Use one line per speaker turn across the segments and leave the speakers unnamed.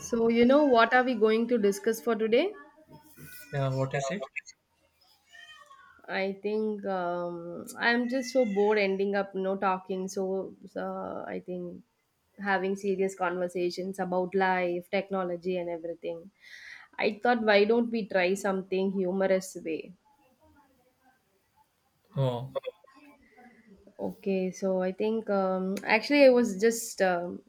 So, what are we going to discuss for today?
Yeah, what is it?
I think I'm just so bored ending up, talking. So, I think having serious conversations about life, technology, and everything. I thought, why don't we try something humorous way?
Oh,
Okay, so I think actually I was just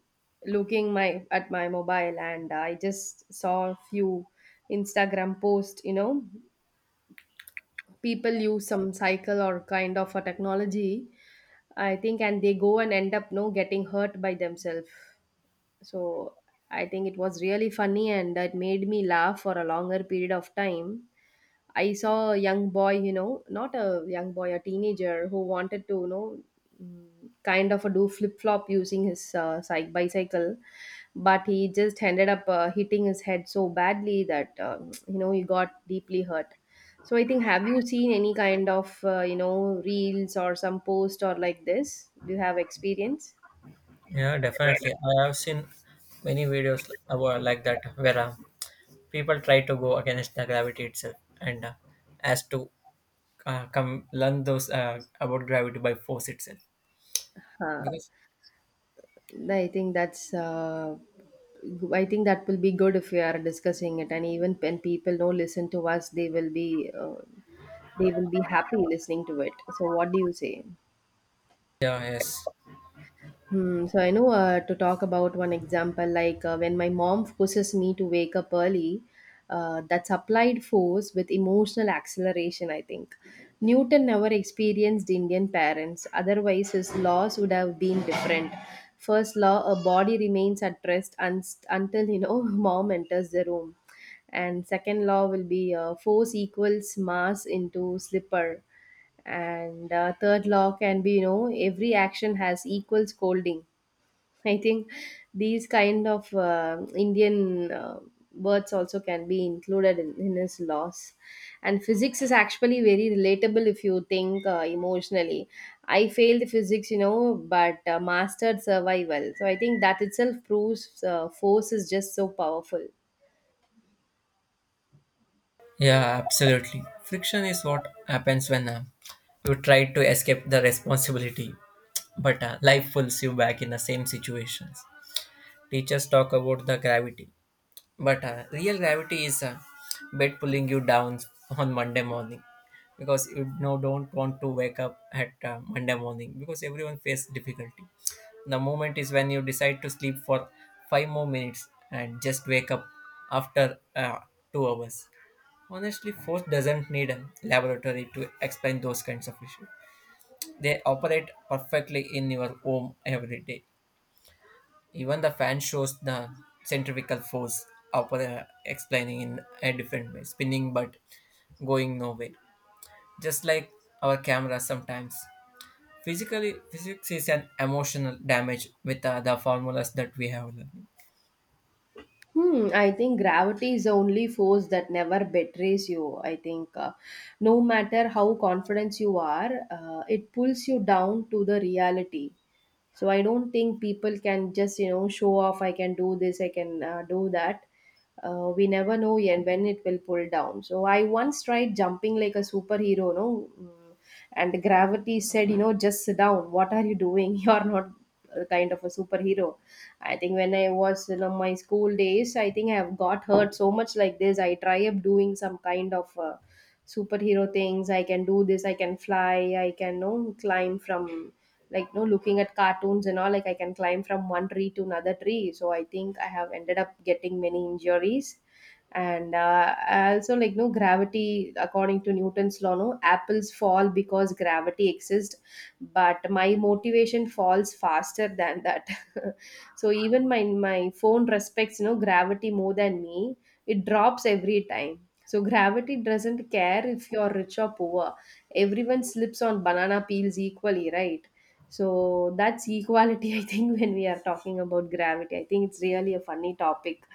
looking my at my mobile and I just saw a few Instagram posts, people use some cycle or kind of a technology I think, and they go and end up no getting hurt by themselves. So I think it was really funny and it made me laugh for a longer period of time. I saw a young boy, not a young boy, a teenager who wanted to, kind of a do flip flop using his bicycle, but he just ended up hitting his head so badly that, he got deeply hurt. So I think, have you seen any kind of, reels or some post or like this? Do you have experience?
yeah, definitely. I have seen many videos about like that where people try to go against the gravity itself and as to come learn those about gravity by force itself.
Huh.
Because
I think that's uh, I think that will be good if we are discussing it, and even when people don't listen to us, they will be happy listening to it. So, what do you say?
yeah, yes,
Hmm, so I know to talk about one example, like when my mom forces me to wake up early, that's applied force with emotional acceleration, I think. Newton never experienced Indian parents, otherwise, his laws would have been different. First law, a body remains at rest until, mom enters the room. And second law will be force equals mass into slipper, and third law can be, every action has equal scolding. I think these kind of Indian words also can be included in his laws, and physics is actually very relatable if you think emotionally. I failed physics, but mastered survival, so I think that itself proves force is just so powerful.
yeah, absolutely. Friction is what happens when you try to escape the responsibility, but life pulls you back in the same situations. Teachers talk about the gravity, but real gravity is a bed pulling you down on Monday morning because you know don't want to wake up at Monday morning because everyone faces difficulty. The moment is when you decide to sleep for five more minutes and just wake up after 2 hours. Honestly, force doesn't need a laboratory to explain those kinds of issues. They operate perfectly in your home every day. Even the fan shows the centrifugal force up there explaining in a different way, spinning but going nowhere. Just like our camera sometimes. Physically, physics is an emotional damage with the formulas that we have learned.
Hmm, I think gravity is the only force that never betrays you. I think no matter how confident you are, it pulls you down to the reality. So I don't think people can just, show off. I can do this, I can do that. We never know yet when it will pull down. So I once tried jumping like a superhero, no, and gravity said, just sit down. What are you doing? You are not a kind of a superhero. I think when I was in my school days, I think I have got hurt so much like this. I try up doing some kind of superhero things. I can do this. I can fly. I can, climb from like no looking at cartoons and all, like I can climb from one tree to another tree. So I think I have ended up getting many injuries. And I also, like no, gravity according to Newton's law, no apples fall because gravity exists, but my motivation falls faster than that. So even my phone respects, gravity more than me. It drops every time. So gravity doesn't care if you're rich or poor. Everyone slips on banana peels equally, right? So that's equality, I think, when we are talking about gravity. I think it's really a funny topic.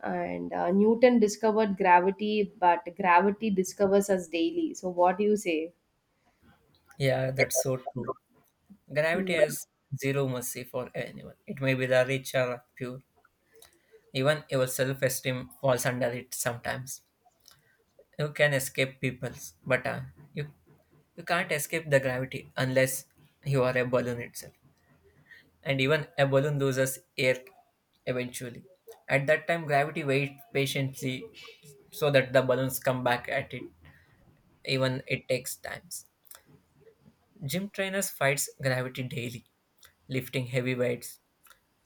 And Newton discovered gravity, but gravity discovers us daily. So, what do you say?
Yeah, that's so true. Gravity
Hmm.
has zero mercy for anyone. It may be the rich or pure. Even your self esteem falls under it sometimes. You can escape peoples, but you you can't escape the gravity unless you are a balloon itself. And even a balloon loses air eventually. At that time, gravity waits patiently so that the balloons come back at it. Even it takes times. Gym trainers fights gravity daily, lifting heavy weights,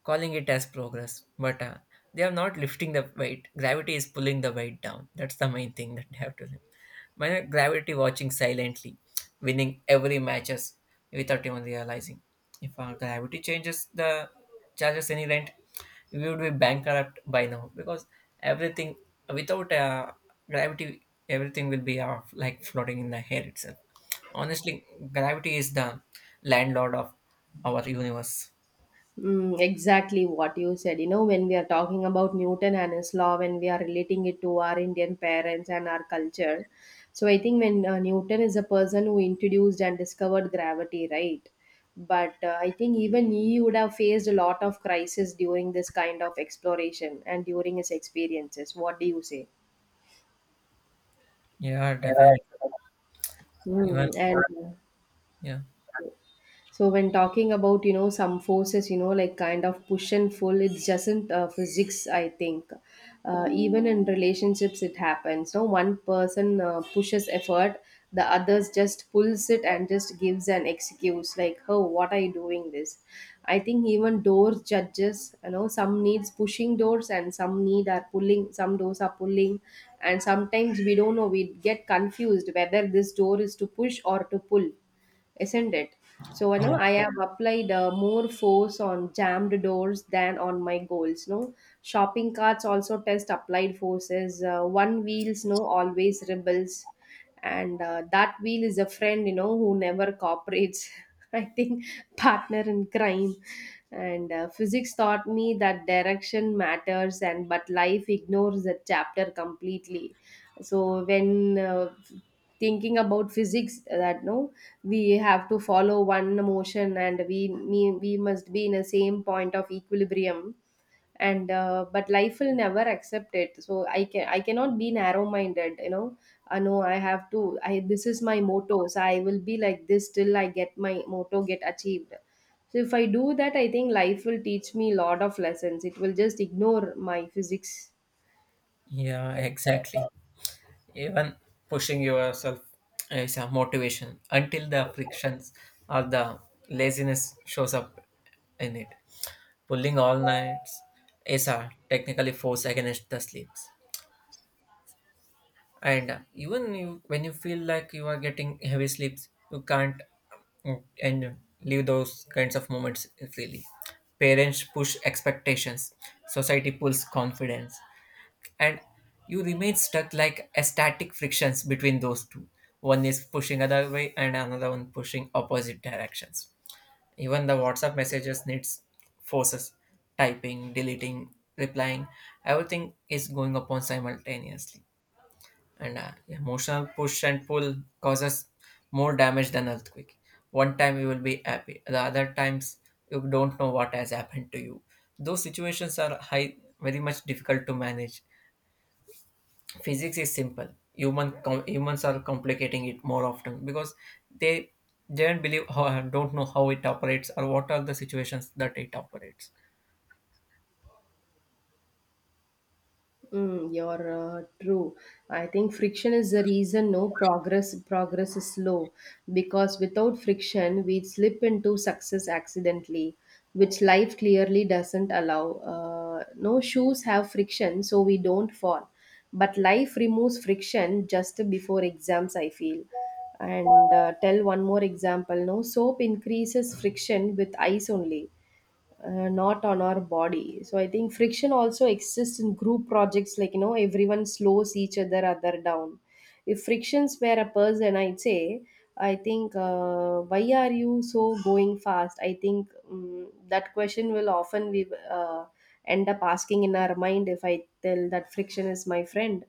calling it as progress, but they are not lifting the weight. Gravity is pulling the weight down. That's the main thing that they have to learn. My gravity watching silently, winning every matches without even realizing. If our gravity changes the charges any rent, we would be bankrupt by now because everything without gravity, everything will be like floating in the air itself. Honestly, gravity is the landlord of our universe.
Exactly what you said. When we are talking about Newton and his law, when we are relating it to our Indian parents and our culture, so I think when Newton is a person who introduced and discovered gravity, right? But I think even he would have faced a lot of crisis during this kind of exploration and during his experiences. What do you say?
Yeah,
Yeah.
definitely. Even
Mm, and
yeah,
So when talking about, some forces, like kind of push and pull, it doesn't physics, I think, even in relationships it happens. No, one person pushes effort, the others just pulls it and just gives an excuse like, oh, what are you doing this? I think even doors judges, some needs pushing doors and some need are pulling, some doors are pulling, and sometimes we don't know. We get confused whether this door is to push or to pull, isn't it? So,
yeah,
I have applied more force on jammed doors than on my goals. No, shopping carts also test applied forces. One wheels no always rebels, and that wheel is a friend, who never cooperates. I think partner in crime, and physics taught me that direction matters, and but life ignores that chapter completely. So when thinking about physics, that no, we have to follow one motion, and we must be in a same point of equilibrium, and but life will never accept it. So I can, I cannot be narrow minded, you know. I know, I have to I this is my motto, so I will be like this till I get my motto get achieved. So if I do that, I think life will teach me lot of lessons. It will just ignore my physics.
yeah, exactly. Even pushing yourself is a motivation until the frictions or the laziness shows up in it. Pulling all nights is a technically force against the sleeps. And even you, when you feel like you are getting heavy sleeps you can't and leave those kinds of moments freely. Parents push expectations, society pulls confidence, and you remain stuck like a static frictions between those two. One is pushing other way and another one pushing opposite directions. Even the WhatsApp messages needs forces, typing, deleting, replying, everything is going upon simultaneously. And emotional push and pull causes more damage than earthquake. One time you will be happy, the other times you don't know what has happened to you. Those situations are high, very much difficult to manage. Physics is simple, humans are complicating it more often because they they don't believe or don't know how it operates or what are the situations that it operates.
You're true. I think friction is the reason no progress is slow, because without friction we slip into success accidentally, which life clearly doesn't allow. No shoes have friction, so we don't fall. But life removes friction just before exams, I feel. And tell one more example. No, soap increases friction with ice only, not on our body. So I think friction also exists in group projects, like, everyone slows each other down. If frictions were a person, I'd say, I think, why are you so going fast? I think that question will often we uh, end up asking in our mind. If I tell that friction is my friend,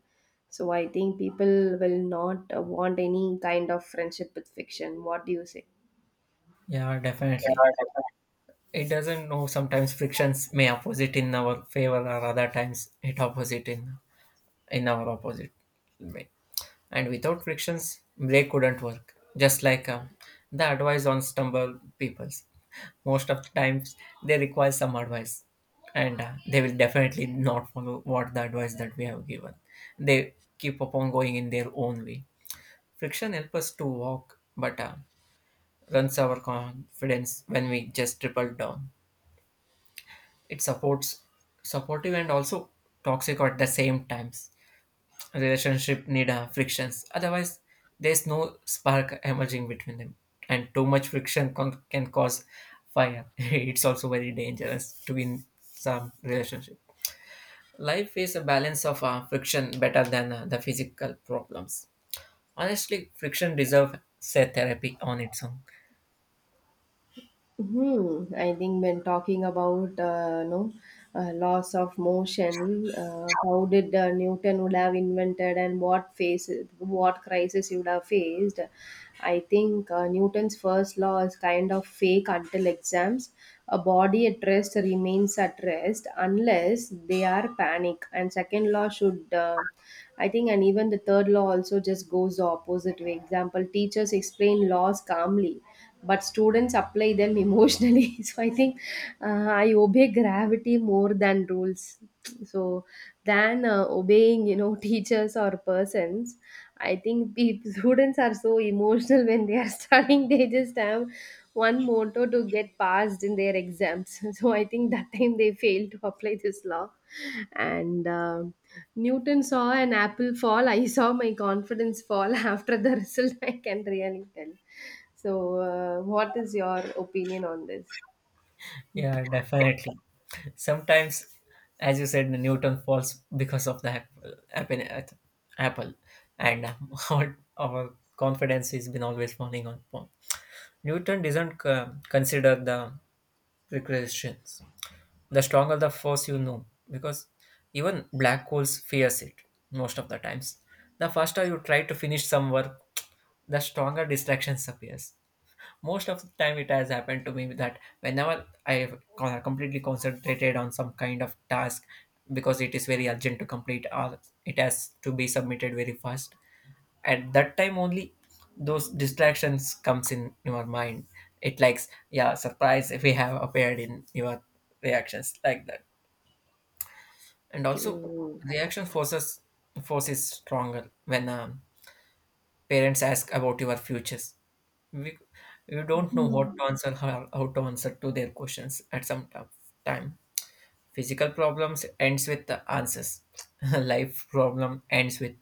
so I think people will not want any kind of friendship with friction. What do you say?
Yeah, definitely,
Yeah.
it doesn't know. Sometimes frictions may opposite in our favor or other times it opposite in our opposite way. And without frictions brake wouldn't work, just like the advice on stumble peoples. Most of the times they require some advice, and they will definitely not follow what the advice that we have given. They keep upon going in their own way. Friction helps us to walk, but runs our confidence when we just triple down. It supports, supportive and also toxic at the same times. Relationship need frictions, otherwise there's no spark emerging between them. And too much can cause fire. It's also very dangerous to be in some relationship. Life is a balance of friction better than the physical problems. Honestly, friction deserves say therapy on its own.
Hmm. I think when talking about no, laws of motion, how did Newton would have invented, and what phase, what crisis he would have faced? I think Newton's first law is kind of fake until exams. A body at rest remains at rest unless they are panic. And second law should, I think, and even the third law also just goes the opposite way. Example: teachers explain laws calmly but students apply them emotionally. So I think I obey gravity more than rules, so than obeying, teachers or persons. I think students are so emotional when they are studying. They just have one motto to get passed in their exams. So I think that time they failed to apply this law. And Newton saw an apple fall, I saw my confidence fall after the result. I can really tell. So, what is your opinion on this?
Yeah, definitely. Sometimes, as you said, Newton falls because of the apple apple, apple. And our confidence has been always falling on upon. Newton doesn't consider the precautions, the stronger the force, you know, because even black holes fears it most of the times. The faster you try to finish some work, the stronger distractions appears. Most of the time it has happened to me that whenever I have completely concentrated on some kind of task because it is very urgent to complete or it has to be submitted very fast, at that time only those distractions comes in your mind. It likes yeah surprise if we have appeared in your reactions like that. And also
Mm.
reaction forces, force is stronger when parents ask about your futures. We, you don't know what to answer, how to answer to their questions at some time. Physical problems ends with the answers. Life problem ends with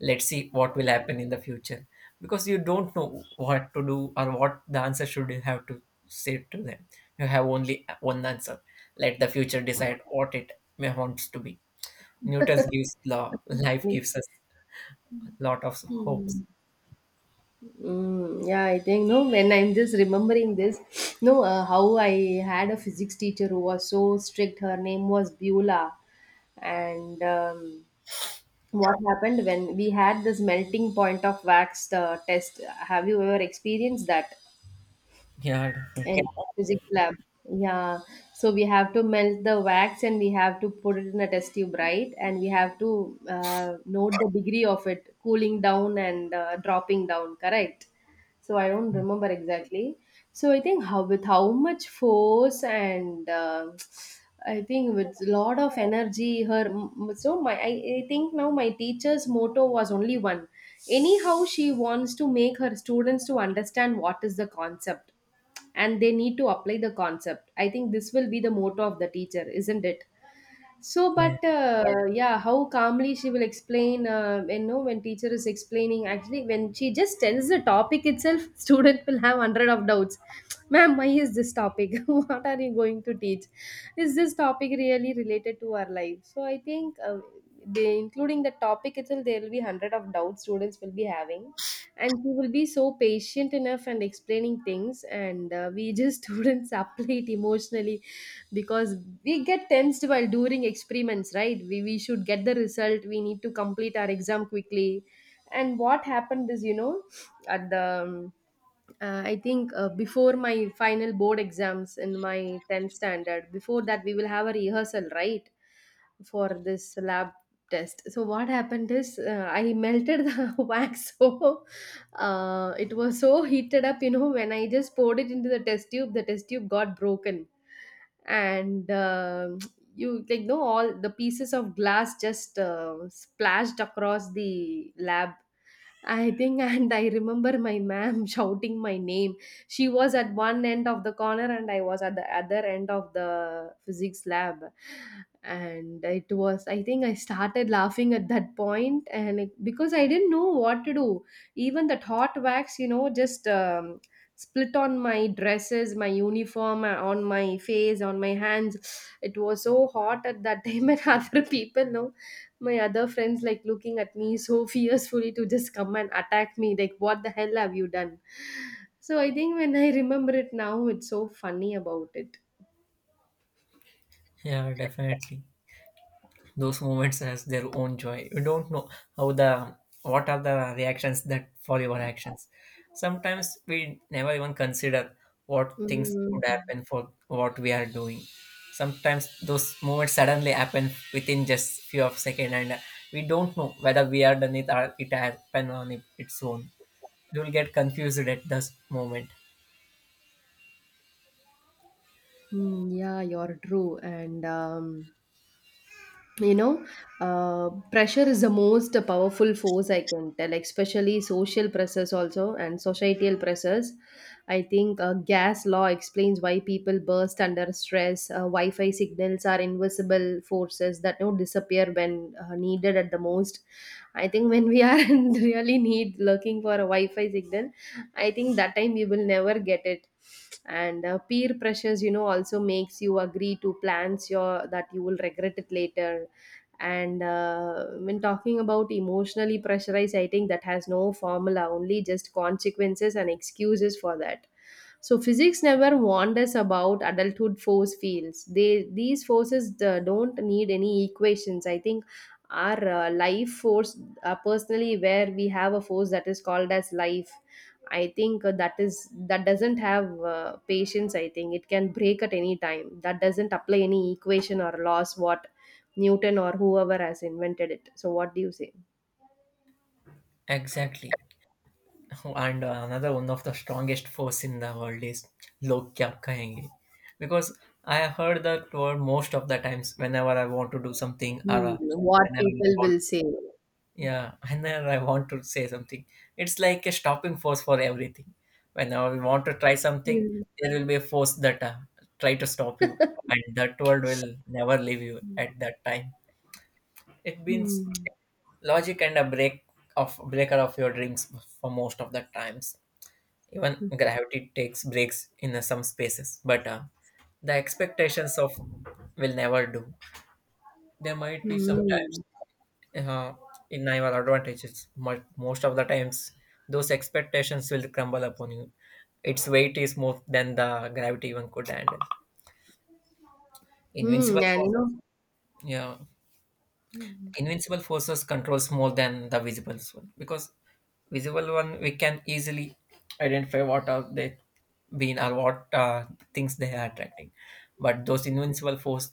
let's see what will happen in the future because you don't know what to do or what the answer should you have to say to them. You have only one answer. Let the future decide what it may wants to be. Newton's gives law. Life
Me-
gives us lot of hopes.
Mm, yeah, I think no. When I'm just remembering this, no, how I had a physics teacher who was so strict. Her name was Beulah, and what happened when we had this melting point of wax test? Have you ever experienced that?
Yeah,
In
definitely.
physics lab. Yeah. So we have to melt the wax and we have to put it in a test tube, right? And we have to note the degree of it, cooling down and dropping down, correct? So I don't remember exactly. So I think how with how much force and I think with lot of energy, her so my I think now my teacher's motto was only one. Anyhow, she wants to make her students to understand what is the concept, and they need to apply the concept. I think this will be the motto of the teacher, isn't it? So,
Yeah.
but yes. Yeah, how calmly she will explain, when teacher is explaining, actually, when she just tells the topic itself, student will have hundred of doubts. Ma'am, why is this topic? What are you going to teach? Is this topic really related to our life? So, I think they, including the topic itself, there will be hundred of doubts students will be having. And she will be so patient enough and explaining things. And We just students apply it emotionally because we get tensed while doing experiments, right? We should get the result, we need to complete our exam quickly. And what happened is, you know at the I think before my final board exams in my 10th standard, before that, we will have a rehearsal, right? For this lab test. So what happened is, I melted the wax. So, it was so heated up, you know, when I just poured it into the test tube got broken. And You, like, know, all the pieces of glass just splashed across the lab, I think. And I remember my ma'am shouting my name. She was at one end of the corner, and I was at the other end of the physics lab. And it was, I think, I started laughing at that point, and it, because I didn't know what to do. Even that hot wax, you know, just split on my dresses, my uniform, on my face, on my hands. It was so hot at that time, and other people, no, my other friends like looking at me so fiercely to just come and attack me, like, what the hell have you done? So I think when I remember it now, it's so funny about it.
Yeah, definitely. Those moments has their own joy. You don't know how the what are the reactions that follow your actions. Sometimes we never even consider what things could
Mm,
happen for what we are doing. Sometimes those moments suddenly happen within just few of second, and we don't know whether we are done it or it happened on its own. You will get confused at this moment.
mm, yeah, you're true. And you know pressure is the most powerful force, I can tell, especially social pressures also, and societal pressures. I think gas law explains why people burst under stress. Wi-fi signals are invisible forces that don't disappear when needed at the most. I think when we are in really need looking for a wi-fi signal, I think that time we will never get it. And peer pressures, you know, also makes you agree to plans your that you will regret it later. And when talking about emotionally pressurized, I think that has no formula, only just consequences and excuses for that. So physics never warned us about adulthood force fields. They, these forces don't need any equations, I think. Our life force, personally, where we have a force that is called as life, I think that doesn't have patience. I think it can break at any time. That doesn't apply any equation or laws what Newton or whoever has invented it. So what do you say?
Exactly. And another one of the strongest force in the world is log kya kahenge because I have heard that word most of the times whenever I want to do something or
Hmm, what
whenever I
people
want
will say.
yeah whenever I want to say something. It's like a stopping force for everything. Whenever we want to try something,
Hmm.
there will be a force that try to stop you, and that word will never leave you at that time. It means
Hmm.
logic and a break of breaker of your dreams for most of the times. Even gravity takes breaks in some spaces, but the expectations of will never do. There might be sometimes
Hmm.
uh, in our advantages, but most of the times those expectations will crumble upon you. Its weight is more than the gravity even could handle. Invincible
Hmm. And you
force,
know,
yeah, invincible forces controls more than the visible one because visible one we can easily identify what are they been or what things they are attracting, but those invincible force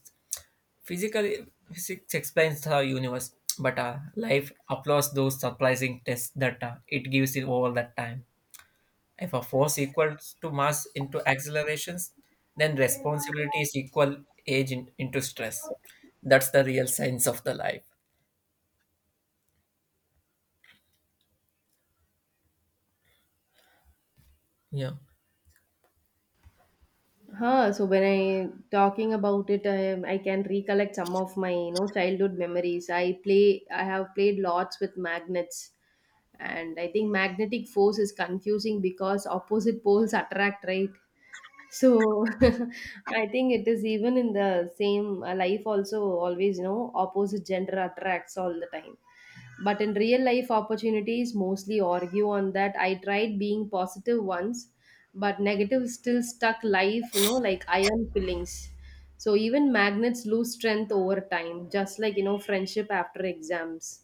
physically, physics explains the universe, but life applauds those surprising tests that it gives it over that time. If a force equals to mass into accelerations, then responsibility is equal age in, into stress. That's the real science of the life. Yeah.
huh, so when I talking about it, I can recollect some of my, you know, childhood memories. I have played lots with magnets, and I think magnetic force is confusing because opposite poles attract, right? So I think it is even in the same life also, always, you know, opposite gender attracts all the time. But in real life, opportunities mostly argue on that. I tried being positive once, but negative still stuck life, you know, like iron fillings. So even magnets lose strength over time, just like, you know, friendship after exams.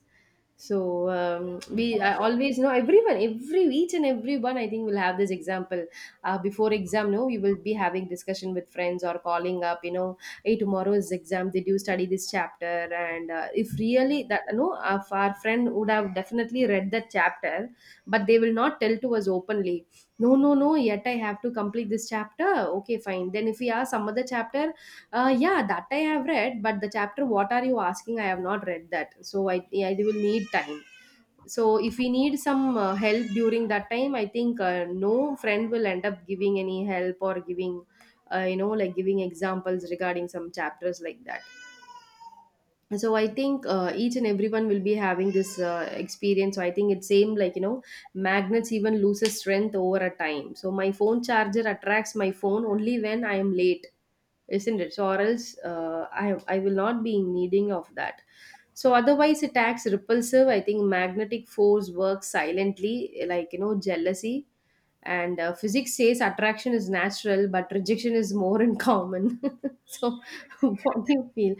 So we I always know everyone, every each and everyone, I think will have this example. Before exam, no, we will be having discussion with friends or calling up, you know, hey, tomorrow is exam, did you study this chapter? And if really that no, if our friend would have definitely read that chapter, but they will not tell to us openly. No, no, no. Yet I have to complete this chapter. Okay, fine. Then if we ask some other chapter, yeah, that I have read, but the chapter what are you asking? I have not read that, so I will need time. So if we need some help during that time, I think no friend will end up giving any help or giving, you know, like giving examples regarding some chapters like that. So I think each and everyone will be having this experience. So I think it's same like, you know, magnets even loses strength over a time. So my phone charger attracts my phone only when I am late, isn't it? So or else I will not be in needing of that. So otherwise it acts repulsive. I think magnetic force works silently, like, you know, jealousy. And physics says attraction is natural but rejection is more in common. So what do you feel?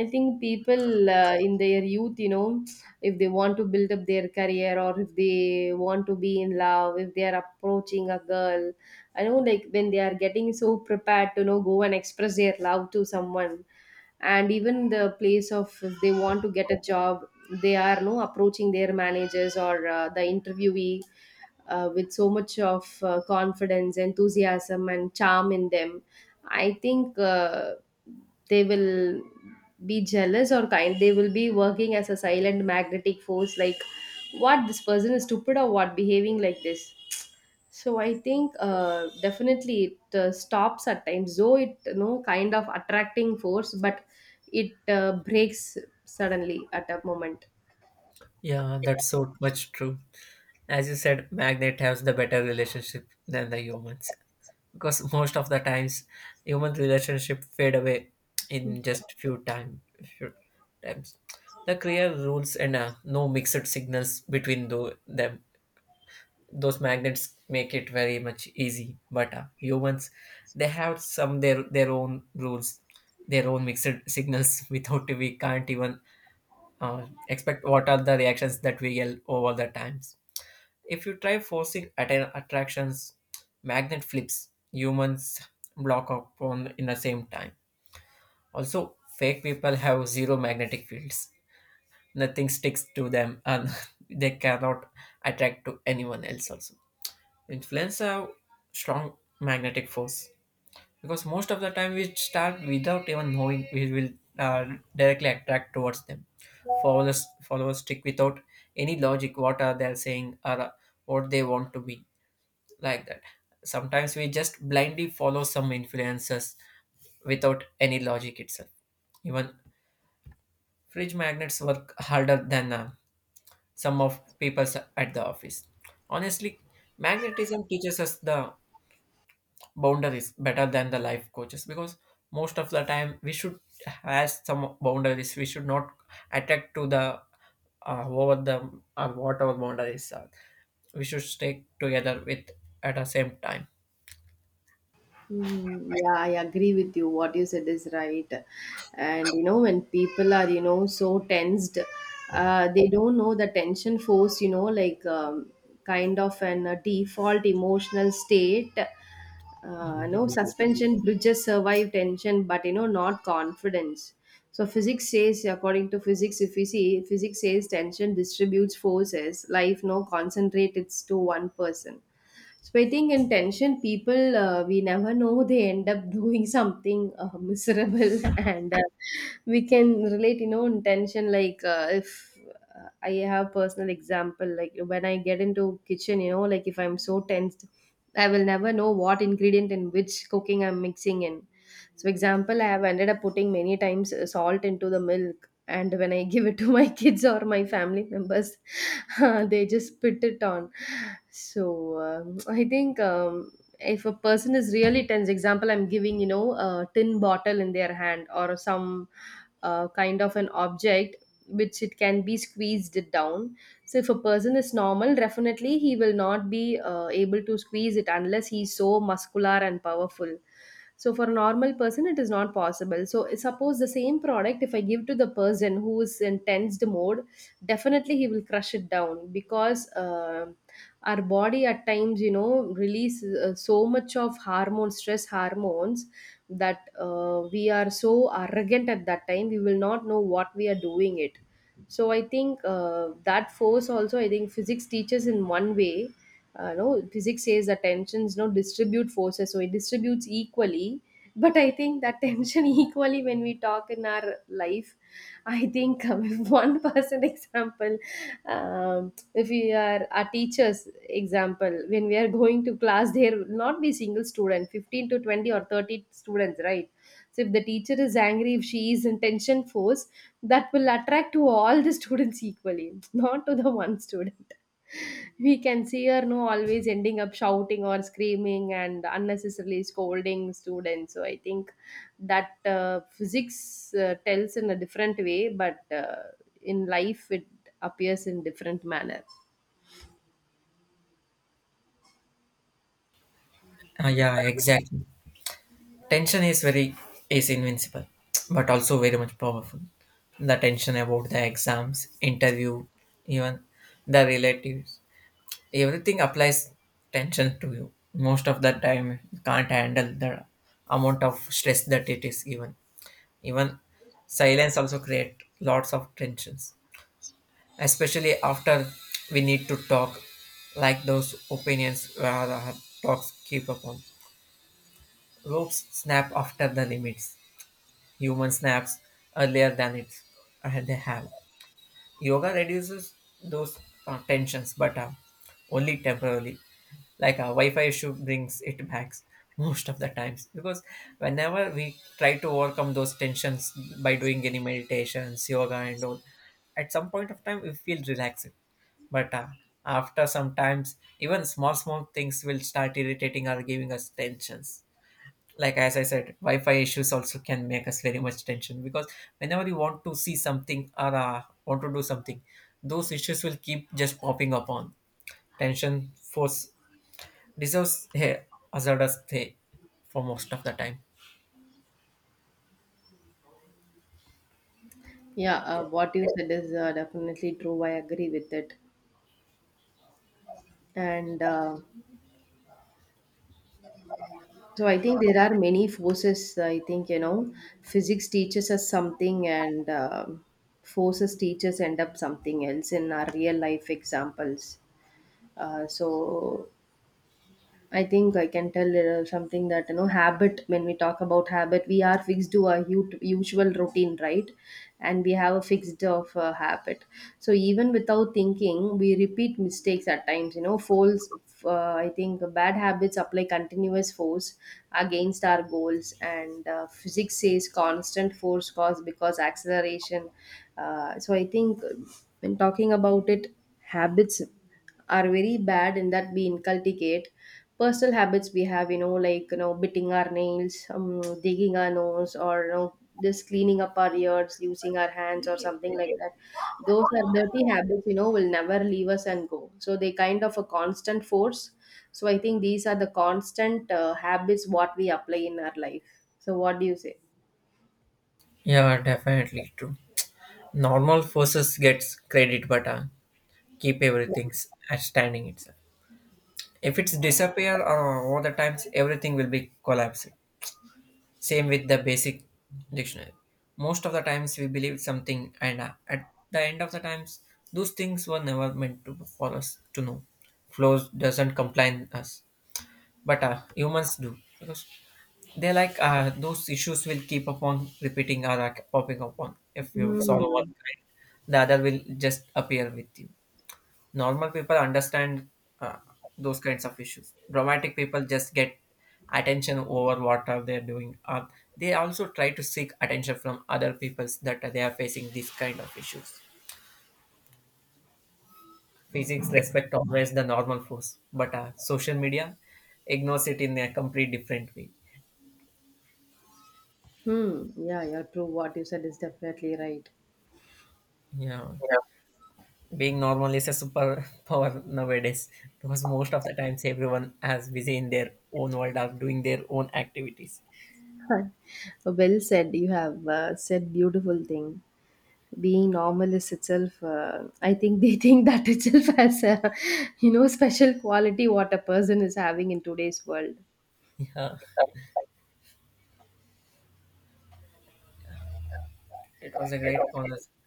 I think people in their youth, you know, if they want to build up their career, or if they want to be in love, if they are approaching a girl, I know like when they are getting so prepared to, you know, go and express their love to someone, and even the place of if they want to get a job, they are no approaching their managers or the interviewee with so much of confidence, enthusiasm, and charm in them, I think they will be jealous or kind. They will be working as a silent magnetic force, like, what, this person is stupid or what, behaving like this. So I think definitely it stops at times, though it, you know, kind of attracting force, but it breaks suddenly at a moment.
Yeah, that's so much true. As you said, magnet has the better relationship than the humans because most of the times human relationship fade away in just few time few times. The clear rules and no mixed signals between them. Those magnets make it very much easy, but humans, they have some their own rules, their own mixed signals. Without we can't even expect what are the reactions that we get over the times. If you try forcing attractions, magnet flips, humans block upon in the same time. Also, fake people have zero magnetic fields. Nothing sticks to them and they cannot attract to anyone else also. Influence have strong magnetic force because most of the time we start without even knowing we will uh, directly attract towards them. Followers stick without any logic what are they saying or what they want to be like that. Sometimes we just blindly follow some influences without any logic itself. Even fridge magnets work harder than some of people at the office. Honestly, magnetism teaches us the boundaries better than the life coaches because most of the time we should have some boundaries, we should not attack to the over the whatever boundaries are, we should stay together with at the same time.
Mhm. Yeah, I agree with you. What you said is right. And you know, when people are, you know, so tensed, they don't know the tension force, you know, like kind of an default emotional state. No suspension bridges survive tension, but you know, not confidence. So physics says, according to physics, if we see, physics says tension distributes forces. Life no concentrates to one person. So I think in tension, people, we never know, they end up doing something miserable, and we can relate, you know, in tension. Like if I have personal example, like when I get into kitchen, you know, like if I'm so tensed, I will never know what ingredient in which cooking I'm mixing in. So, example, I have ended up putting many times salt into the milk, and when I give it to my kids or my family members, they just spit it on. So, I think. If a person is really tense, example, I'm giving, you know, a tin bottle in their hand or some kind of an object which it can be squeezed it down. So if a person is normal, definitely he will not be able to squeeze it unless he's so muscular and powerful. So for a normal person, it is not possible. So suppose the same product, if I give to the person who is in tensed mode, definitely he will crush it down because our body at times, you know, release so much of hormone, stress hormones, that we are so arrogant at that time. We will not know what we are doing it. So I think that force also, I think physics teaches in one way. You know, physics says that tensions no distribute forces, so it distributes equally. But I think that tension equally, when we talk in our life, I think, if one person, example, if we are our teachers, example, when we are going to class, there will not be single student, 15 to 20 or 30 students, right? So if the teacher is angry, if she is in tension force, that will attract to all the students equally, not to the one student. We can see her, no, always ending up shouting or screaming and unnecessarily scolding students. So I think that physics tells in a different way, but in life it appears in different manner.
Yeah, exactly. Tension is very is invincible but also very much powerful. The tension about the exams, interview, even the relatives, everything applies tension to you. Most of the time you can't handle the amount of stress that it is given. Even silence also create lots of tensions, especially after we need to talk, like those opinions where the talks keep upon. Ropes snap after the limits, human snaps earlier than it. They have yoga reduces those tensions, but only temporarily, like a Wi-Fi issue brings it back most of the times because whenever we try to overcome those tensions by doing any meditations, yoga and all, at some point of time we feel relaxed, but after some times even small small things will start irritating or giving us tensions. Like as I said, Wi-Fi issues also can make us very much tension because whenever you want to see something or want to do something, those issues will keep just popping up on. Tension force deserves hey, hazardous hey, for most of the time.
Yeah, what you said is definitely true. I agree with it. And So I think there are many forces. I think, you know, physics teaches us something, and forces teachers end up something else in our real life examples. So I think I can tell something that, you know, habit, when we talk about habit, we are fixed to our usual routine, right? And we have a fixed of habit. So even without thinking, we repeat mistakes at times, you know, falls. I think bad habits apply continuous force against our goals, and physics says constant force cause because acceleration. So I think when talking about it, habits are very bad in that we inculcate personal habits we have, you know, like, you know, biting our nails, digging our nose, or, you know, just cleaning up our ears using our hands or something like that. Those are dirty habits, you know, will never leave us and go, so they kind of a constant force. So I think these are the constant habits what we apply in our life. So what do you say?
Yeah, definitely true. Normal forces gets credit but keep everything's at standing itself. If it's disappear or over the times, everything will be collapsed. Same with the basic dictionary. Most of the times we believe something, and at the end of the times, those things were never meant to for us to know. Flows doesn't complain us, but humans do because they like those issues will keep upon repeating or popping upon. If you solve one
Hmm.
kind, the other will just appear with you. Normal people understand uh, those kinds of issues. Dramatic people just get attention over what are they doing. They also try to seek attention from other peoples that they are facing these kind of issues. Physics respect always the normal force but social media ignores it in a complete different way.
Hmm. Yeah, yeah, true, what you said is definitely right.
Yeah, being normal is a super power nowadays because most of the times everyone is busy in their own world or doing their own activities.
Well said. You have said beautiful thing. Being normal is itself. I think they think that itself has a, you know, special quality what a person is having in today's world.
Yeah, it was a great conversation.